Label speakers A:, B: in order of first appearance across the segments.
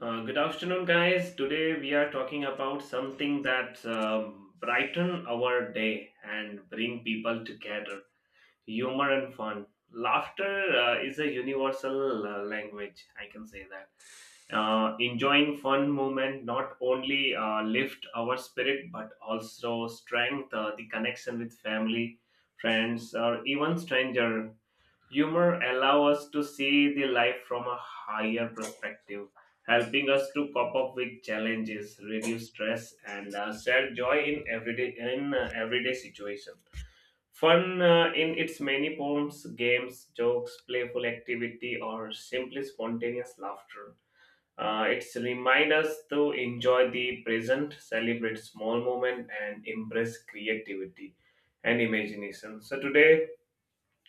A: Good afternoon, guys. Today we are talking about something that brighten our day and bring people together: humor and fun. Laughter is a universal language. I can say that. Enjoying fun moment not only lift our spirit but also strength the connection with family, friends, or even stranger. Humor allows us to see the life from a higher perspective, helping us to cope up with challenges, reduce stress, and share joy in everyday situation. Fun in its many forms, games, jokes, playful activity, or simply spontaneous laughter. It's remind us to enjoy the present, celebrate small moment, and embrace creativity and imagination. So today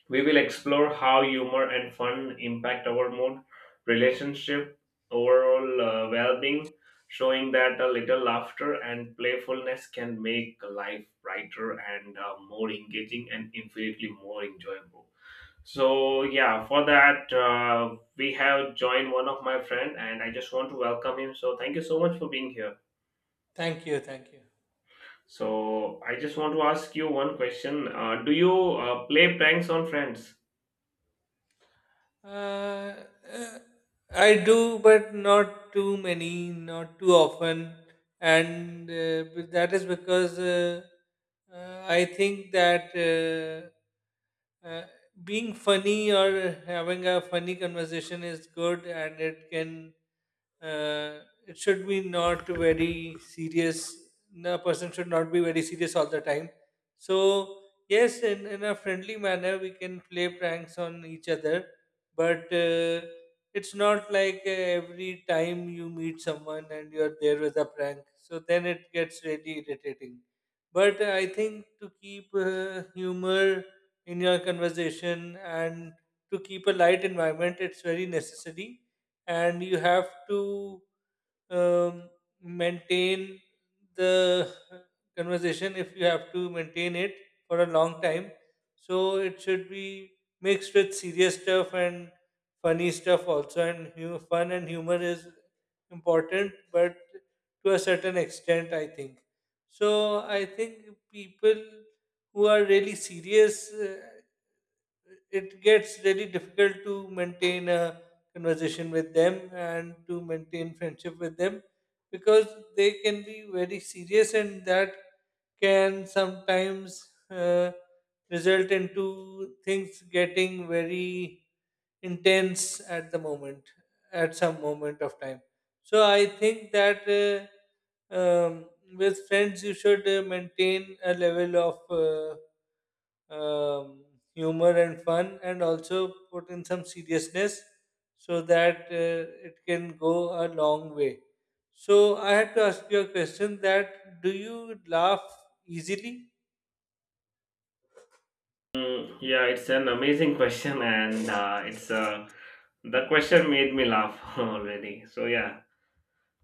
A: we will explore how humor and fun impact our mood, relationship, overall well being, showing that a little laughter and playfulness can make life brighter and more engaging and infinitely more enjoyable. So, yeah, for that, we have joined one of my friend and I just want to welcome him. So, thank you so much for being here.
B: Thank you. Thank you.
A: So, I just want to ask you one question. Do you play pranks on friends?
B: Uh, uh, I do, but not too many, not too often, and but that is because I think that being funny or having a funny conversation is good, and it can it should be not very serious. No, a person should not be very serious all the time. So yes, in a friendly manner, we can play pranks on each other but it's not like every time you meet someone and you're there with a prank so then it gets really irritating but I think to keep humor in your conversation and to keep a light environment, it's very necessary. And you have to um, maintain the conversation if you have to maintain it for a long time, so it should be mixed with serious stuff and funny stuff also. And fun and humor is important but to a certain extent, I think. So I think people who are really serious, it gets very difficult to maintain a conversation with them and to maintain friendship with them, because they can be very serious and that can sometimes result into things getting very intense at the moment, at some moment of time. So I think that with friends you should maintain a level of um, humor and fun and also put in some seriousness so that it can go a long way. So I had to ask you a question that do you laugh easily?
A: Mm, yeah, it's an amazing question, and it's the question made me laugh already. So yeah,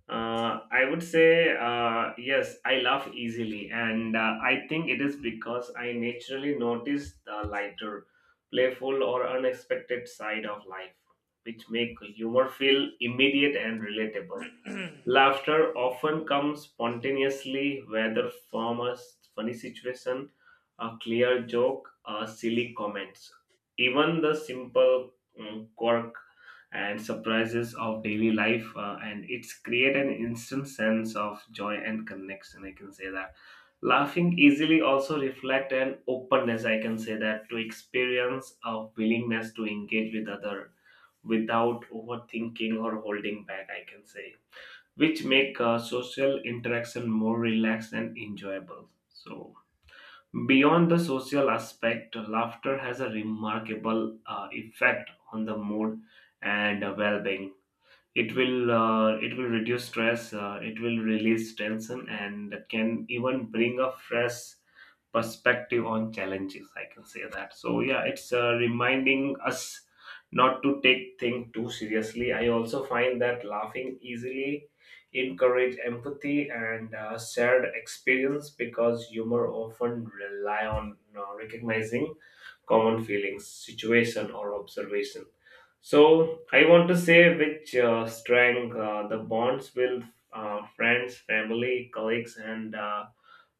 A: I would say yes, I laugh easily, and I think it is because I naturally notice the lighter, playful, or unexpected side of life, which make humor feel immediate and relatable. Laughter often comes spontaneously, whether from a funny situation, a clear joke, or silly comments. Even the simple quirk and surprises of daily life, and it's create an instant sense of joy and connection. I can say that. Laughing easily also reflect an openness. I can say that to experience a willingness to engage with other without overthinking or holding back. I can say which make social interaction more relaxed and enjoyable. So, beyond the social aspect, laughter has a remarkable effect on the mood and well being. It will reduce stress. It will release tension and can even bring a fresh perspective on challenges. I can say that. So yeah, it's reminding us not to take things too seriously. I also find that laughing easily encourage empathy and shared experience because humor often rely on recognizing common feelings, situation, or observation. So I want to say which strength the bonds with friends, family, colleagues, and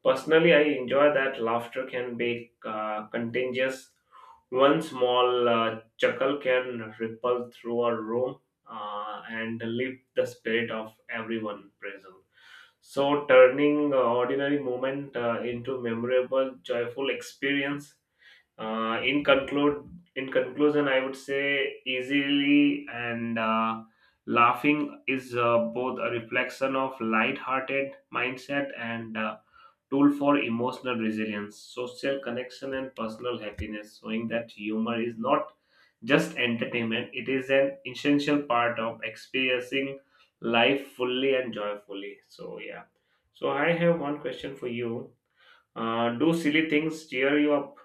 A: personally, I enjoy that laughter can be contagious. One small chuckle can ripple through a room and lift the spirit of everyone present. So, turning ordinary moment into memorable, joyful experience. Uh, in conclude, in conclusion, I would say easily and laughing is both a reflection of light-hearted mindset and tool for emotional resilience, social connection, and personal happiness, showing that humor is not just entertainment; it is an essential part of experiencing life fully and joyfully. So yeah. So I have one question for you. Do silly things cheer you up?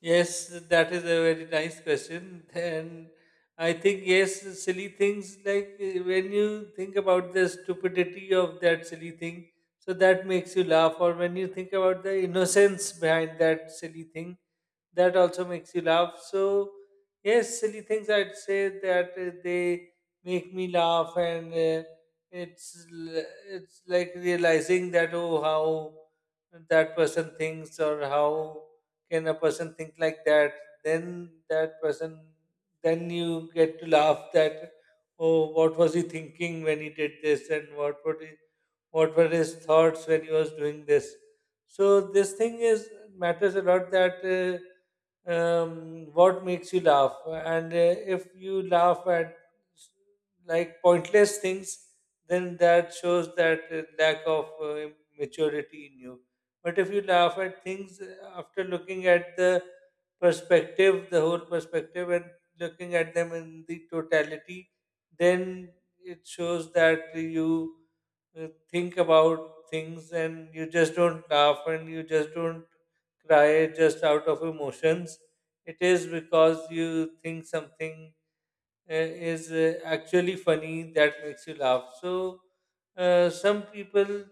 B: Yes, that is a very nice question. And I think, yes, silly things like when you think about the stupidity of that silly thing, so that makes you laugh, or when you think about the innocence behind that silly thing, that also makes you laugh. So yes, silly things, I'd say that they make me laugh, and it's it's like realizing that, oh, how that person thinks or how can a person think like that, then that person, then you get to laugh that, oh, what was he thinking when he did this and what would he, what were his thoughts when he was doing this. So this thing is matters a lot that what makes you laugh. And if you laugh at s- like pointless things, then that shows that lack of maturity in you. But if you laugh at things after looking at the perspective, the whole perspective, and looking at them in the totality, then it shows that you think about things and you just don't laugh and you just don't cry just out of emotions. It is because you think something uh, is actually funny that makes you laugh. So some people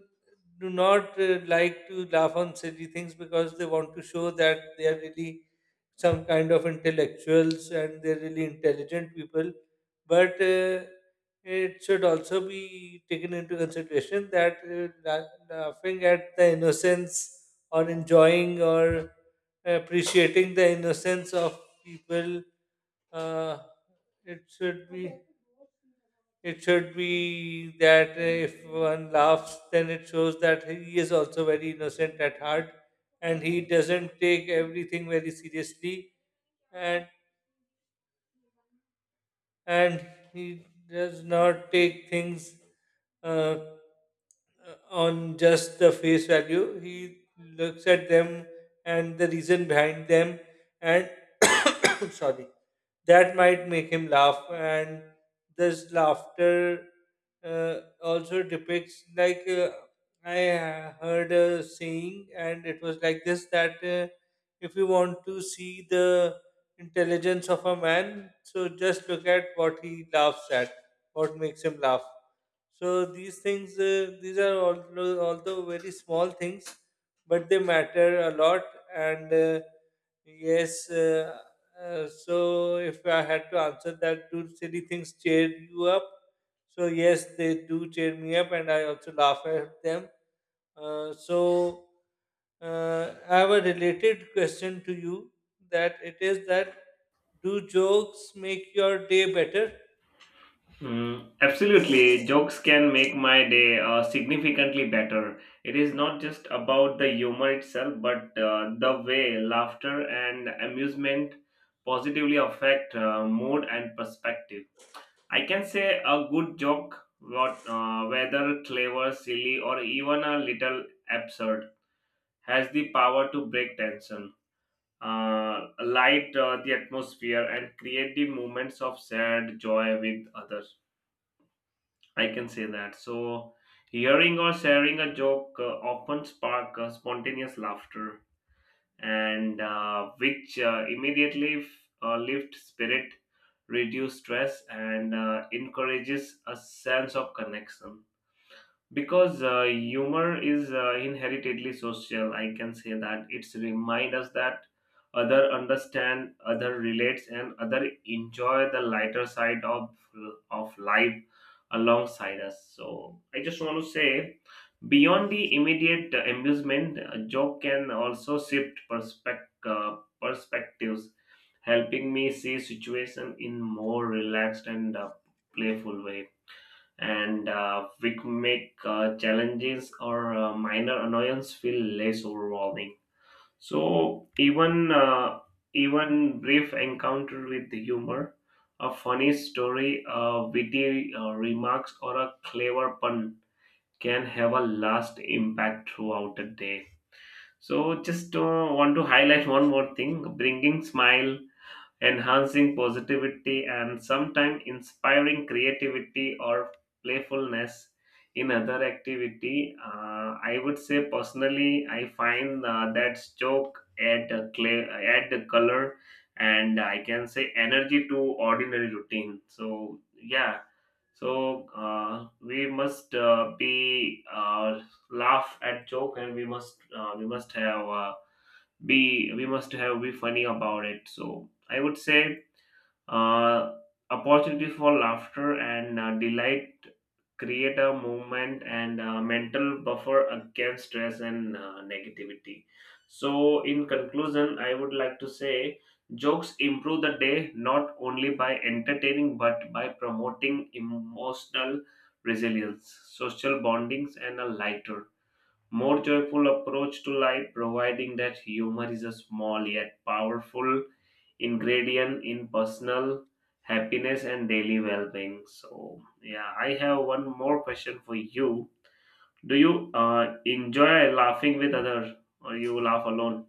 B: do not like to laugh on silly things because they want to show that they are really some kind of intellectuals and they're really intelligent people, but it should also be taken into consideration that laughing at the innocence or enjoying or appreciating the innocence of people, uh, it should be, it should be that if one laughs then it shows that he is also very innocent at heart and he doesn't take everything very seriously, and and he does not take things uh, on just the face value. He looks at them and the reason behind them, and sorry, that might make him laugh. And this laughter also depicts like I heard a saying and it was like this, that if you want to see the intelligence of a man, so just look at what he laughs at, what makes him laugh. So these things, these are, although very small things, but they matter a lot. And yes, so if I had to answer that, do silly things cheer you up? So yes, they do cheer me up, and I also laugh at them. So I have a related question to you. That it is that do jokes make your day better?
A: Mm, absolutely. Jokes can make my day significantly better. It is not just about the humor itself, but the way laughter and amusement positively affect mood and perspective. I can say a good joke, whether clever, silly, or even a little absurd, has the power to break tension. Light the atmosphere and create the moments of shared joy with others. I can say that. So, hearing or sharing a joke often spark spontaneous laughter, and which immediately lift spirit, reduce stress, and encourages a sense of connection because humor is inheritedly social. I can say that it's remind us that other understand, other relates, and other enjoy the lighter side of life alongside us. So I just want to say, beyond the immediate amusement, a joke can also shift perspectives, helping me see situation in more relaxed and playful way, and which make challenges or minor annoyance feel less overwhelming. So even brief encounter with humor, a funny story, a witty remarks, or a clever pun can have a last impact throughout the day. So just want to highlight one more thing: bringing smile, enhancing positivity, and sometimes inspiring creativity or playfulness in other activity. I would say personally I find that joke add a clay, add the color, and I can say energy to ordinary routine. So yeah. So we must be laugh at joke, and we must have be funny about it. So I would say uh, opportunities for laughter and delight create a movement and a mental buffer against stress and negativity. So in conclusion, I would like to say jokes improve the day not only by entertaining, but by promoting emotional resilience, social bondings, and a lighter, more joyful approach to life, providing that humor is a small yet powerful ingredient in personal happiness and daily well being. So, yeah, I have one more question for you. Do you enjoy laughing with others or you laugh alone?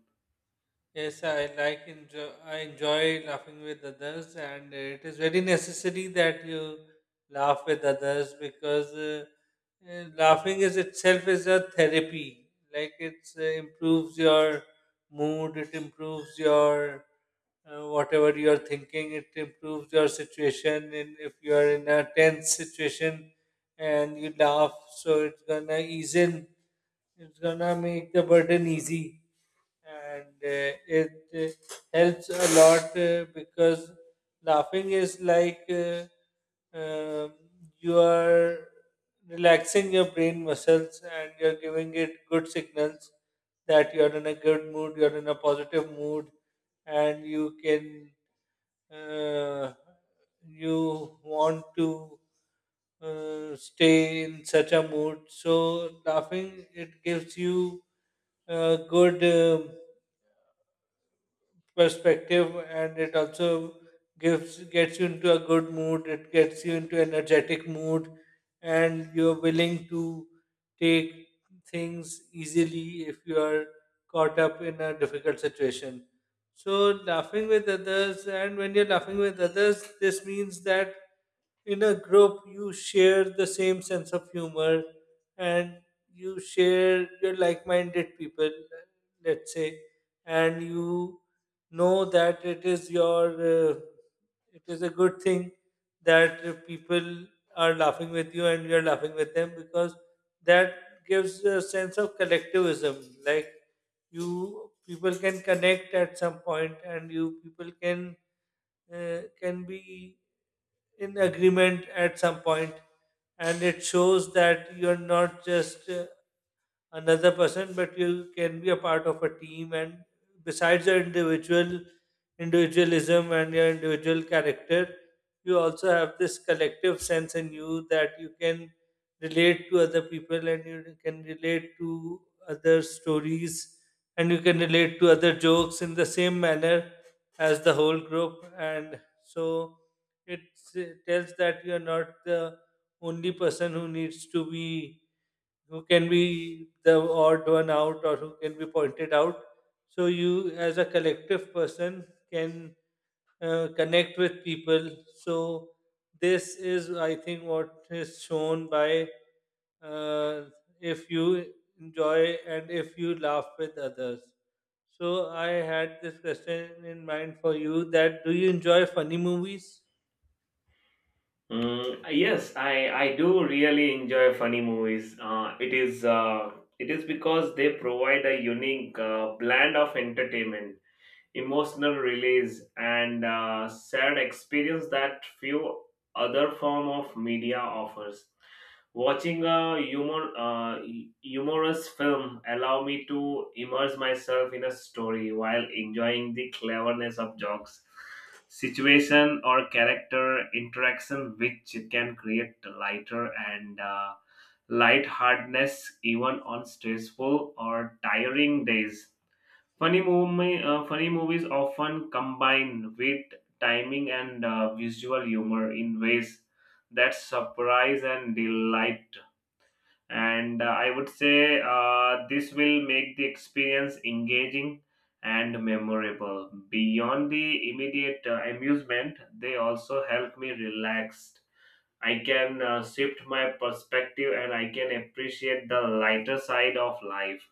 B: Yes, I like enjoy. I enjoy laughing with others, and it is very necessary that you laugh with others because laughing is itself is a therapy. Like it improves your mood, it improves your whatever you are thinking, it improves your situation. And if you are in a tense situation and you laugh, so it's gonna ease in, it's gonna make the burden easy. And it helps a lot because laughing is like um, you are relaxing your brain muscles and you're giving it good signals that you're in a good mood, you're in a positive mood, and you can uh, you want to stay in such a mood. So laughing, it gives you a good perspective and it also gives gets you into a good mood, it gets you into energetic mood. And you're willing to take things easily if you are caught up in a difficult situation. So laughing with others, and when you're laughing with others, this means that in a group you share the same sense of humor and you share your like-minded people, let's say, and you know that it is your it is a good thing that people are laughing with you and you're laughing with them, because that gives a sense of collectivism. Like you people can connect at some point and you people can be in agreement at some point. And it shows that you're not just another person, but you can be a part of a team. And besides your individualism and your individual character, you also have this collective sense in you that you can relate to other people and you can relate to other stories and you can relate to other jokes in the same manner as the whole group. And so it tells that you are not the only person who needs to be, who can be the odd one out or who can be pointed out. So you, as a collective person, can connect with people. So this is, I think, what is shown by uh, if you enjoy and if you laugh with others. So I had this question in mind for you, that do you enjoy funny movies?
A: Mm, yes, I do really enjoy funny movies. It is because they provide a unique blend of entertainment, emotional release, and shared experience that few other form of media offers. Watching a humorous film allow me to immerse myself in a story while enjoying the cleverness of jokes, situation, or character interaction, which can create lighter and lightheartedness even on stressful or tiring days. Funny movies often combine wit, timing, and visual humor in ways that surprise and delight. And I would say this will make the experience engaging and memorable. Beyond the immediate amusement, they also help me relax. I can shift my perspective, and I can appreciate the lighter side of life,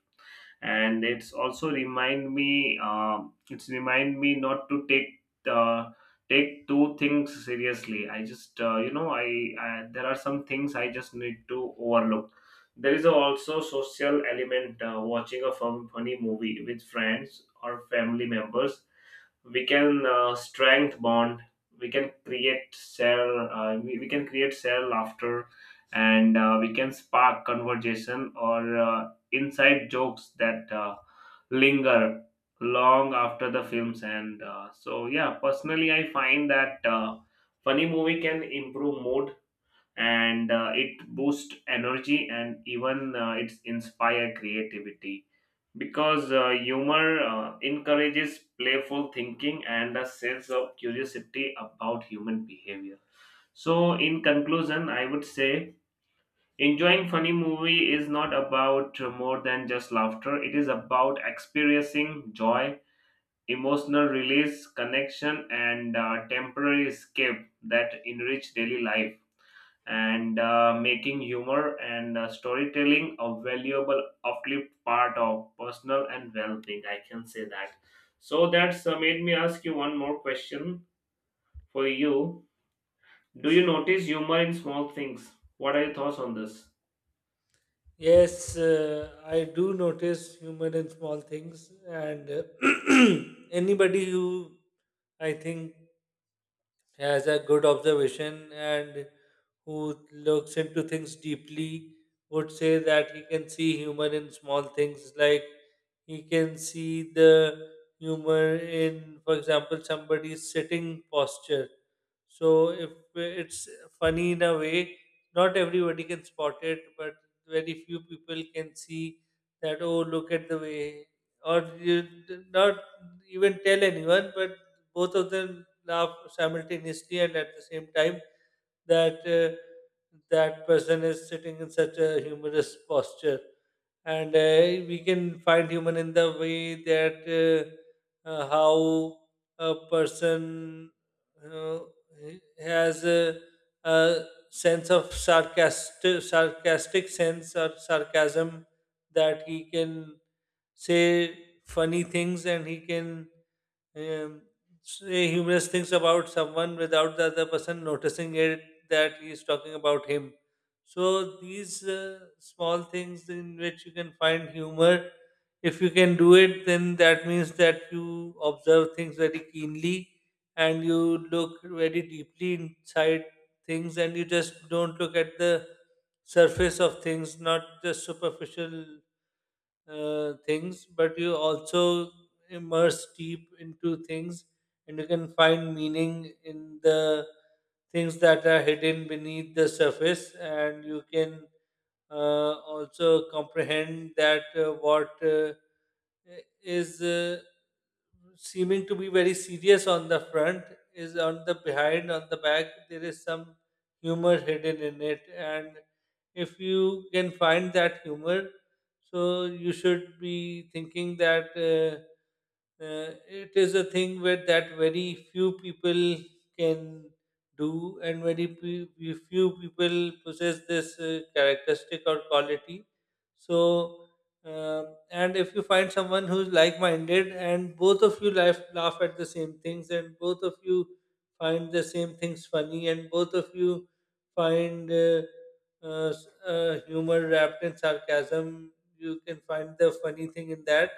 A: and it's also remind me not to uh, take two things seriously. I just you know I there are some things I just need to overlook. There is also social element. Watching a funny movie with friends or family members, we can strength bond. We can create share laughter, and we can spark conversation or inside jokes that linger long after the films end. So yeah, personally I find that funny movie can improve mood, and it boosts energy, and even it inspire creativity because humor encourages playful thinking and a sense of curiosity about human behavior. So in conclusion, I would say enjoying funny movie is not about more than just laughter. It is about experiencing joy, emotional release, connection, and temporary escape that enrich daily life, and making humor and storytelling a valuable uplift part of personal and well-being. I can say that. So that's made me ask you one more question for you. Do you notice humor in small things? What are your thoughts on this?
B: Yes, I do notice humor in small things, and anybody who, I think, has a good observation and who looks into things deeply would say that he can see humor in small things. Like he can see the humor in, for example, somebody's sitting posture. So if it's funny in a way, not everybody can spot it, but very few people can see that. Oh, look at the way, or you not even tell anyone, but both of them laugh simultaneously and at the same time that that person is sitting in such a humorous posture. And we can find human in the way that how a person uh, has a sense of sarcastic sense or sarcasm, that he can say funny things and he can um, say humorous things about someone without the other person noticing it that he's talking about him. So these small things in which you can find humor, if you can do it, then that means that you observe things very keenly and you look very deeply inside things and you just don't look at the surface of things, not just superficial things, but you also immerse deep into things and you can find meaning in the things that are hidden beneath the surface. And you can also comprehend that what is seeming to be very serious on the front is, on the behind, on the back, there is some humor hidden in it. And if you can find that humor, so you should be thinking that it is a thing where that very few people can do, and very few people possess this characteristic or quality. So and if you find someone who's like-minded and both of you laugh at the same things and both of you find the same things funny and both of you find humor wrapped in sarcasm, you can find the funny thing in that.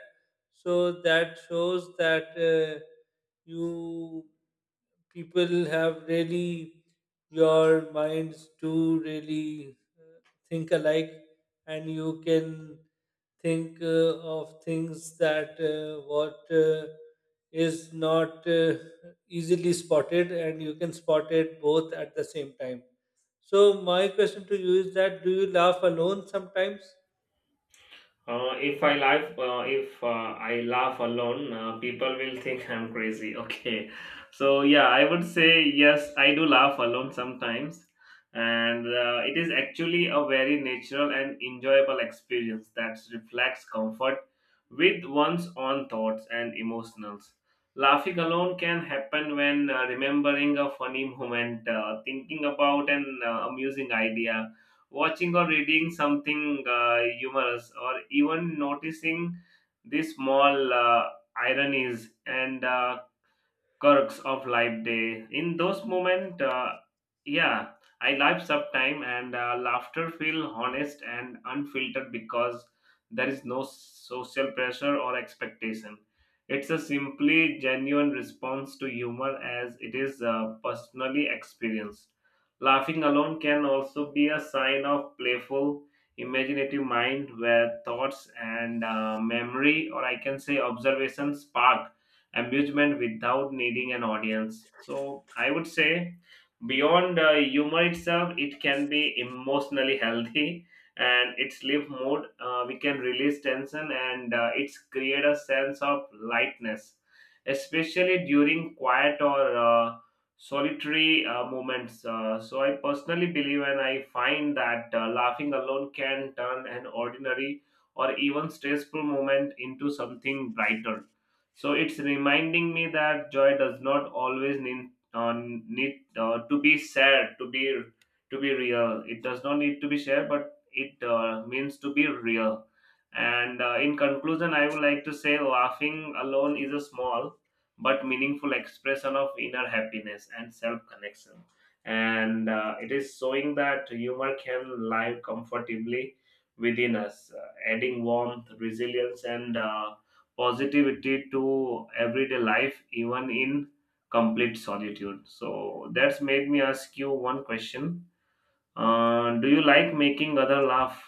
B: So that shows that you people have really, your minds do really think alike, and you can think of things that what is not easily spotted and you can spot it both at the same time. So my question to you is that do you laugh alone sometimes?
A: If I laugh alone, people will think I'm crazy. Okay, so yeah, I would say yes. I do laugh alone sometimes, and it is actually a very natural and enjoyable experience that reflects comfort with one's own thoughts and emotions. Laughing alone can happen when remembering a funny moment, thinking about an amusing idea, watching or reading something humorous, or even noticing the small ironies and quirks of life day. In those moments, yeah, I laugh sometime, and laughter feel honest and unfiltered because there is no social pressure or expectation. It's a simply genuine response to humor as it is personally experienced. Laughing alone can also be a sign of playful, imaginative mind where thoughts and memory, or I can say observation, spark amusement without needing an audience. So I would say beyond humor itself, it can be emotionally healthy and it's lift mood. We can release tension and it's create a sense of lightness, especially during quiet or solitary moments. So I personally believe and I find that laughing alone can turn an ordinary or even stressful moment into something brighter, so it's reminding me that joy does not always need to be sad to be real. It does not need to be shared, but it means to be real. And in conclusion, I would like to say laughing alone is a small but meaningful expression of inner happiness and self connection. And it is showing that humor can live comfortably within us, adding warmth, resilience, and positivity to everyday life, even in complete solitude. So that's made me ask you one question. Do you like making other laugh?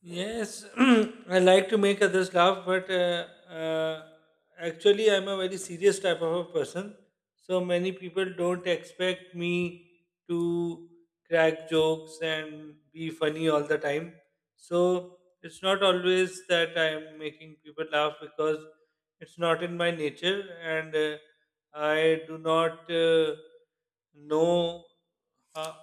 B: Yes, I like to make others laugh, but actually, I'm a very serious type of a person. So many people don't expect me to crack jokes and be funny all the time. So it's not always that I'm making people laugh because it's not in my nature, and I do not know. Uh,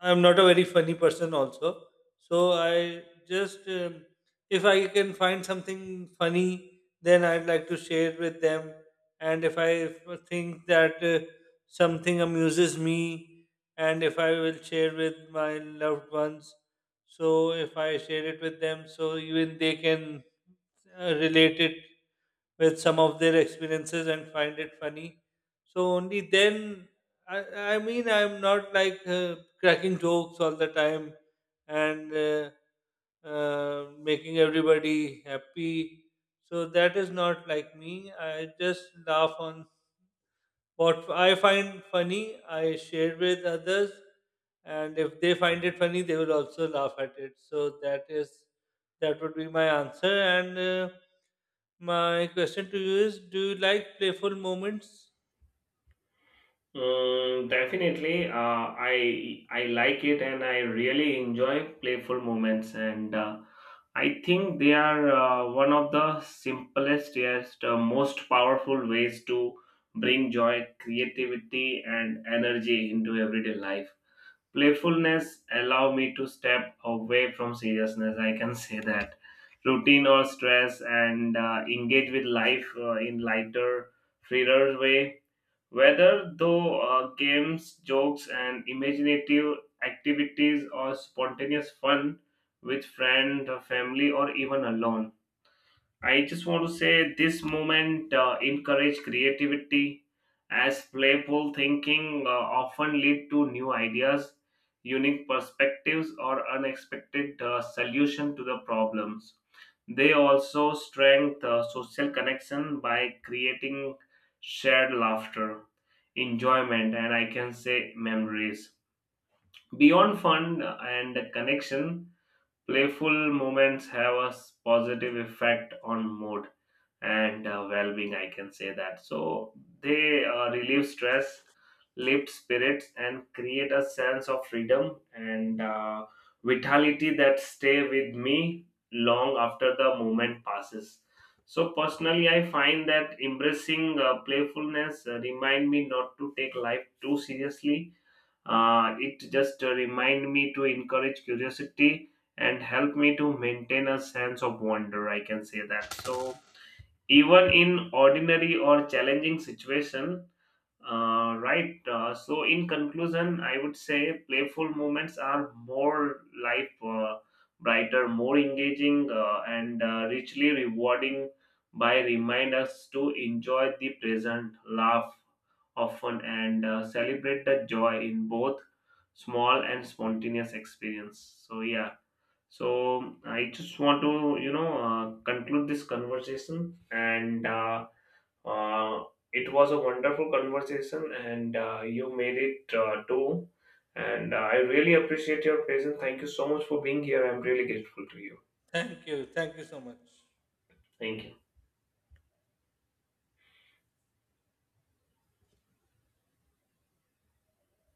B: I'm not a very funny person, also, so I just, if I can find something funny, then I'd like to share with them. And if I think that something amuses me, and if I will share with my loved ones, so if I share it with them, so even they can relate it with some of their experiences and find it funny. So only then, I mean, I'm not like cracking jokes all the time and making everybody happy. So that is not like me. I just laugh on what I find funny, I share with others, and if they find it funny, they will also laugh at it. So that is, that would be my answer. And my question to you is: do you like playful moments?
A: Mm, definitely. I like it, and I really enjoy playful moments, and I think they are one of the simplest yet most powerful ways to bring joy, creativity, and energy into everyday life. Playfulness allow me to step away from seriousness, I can say that, routine or stress, and engage with life in lighter, freer way, whether though games, jokes, and imaginative activities or spontaneous fun with friend, family, or even alone. I just want to say this moment encourage creativity as playful thinking often lead to new ideas, unique perspectives, or unexpected solution to the problems. They also strengthen social connection by creating shared laughter, enjoyment, and I can say memories. Beyond fun and connection, playful moments have a positive effect on mood and well-being. I can say that, so they relieve stress, lift spirits, and create a sense of freedom and vitality that stay with me long after the moment passes. So personally, I find that embracing playfulness remind me not to take life too seriously. It just remind me to encourage curiosity and help me to maintain a sense of wonder. I can say that. So even in ordinary or challenging situation, right, so in conclusion I would say playful moments are more life brighter, more engaging, and richly rewarding, by remind us to enjoy the present, laugh often, and celebrate the joy in both small and spontaneous experience. So yeah. So I just want to conclude this conversation, and uh, it was a wonderful conversation, and you made it too. And I really appreciate your presence. Thank you so much for being here. I'm really grateful to you.
B: Thank you. Thank you so much.
A: Thank you.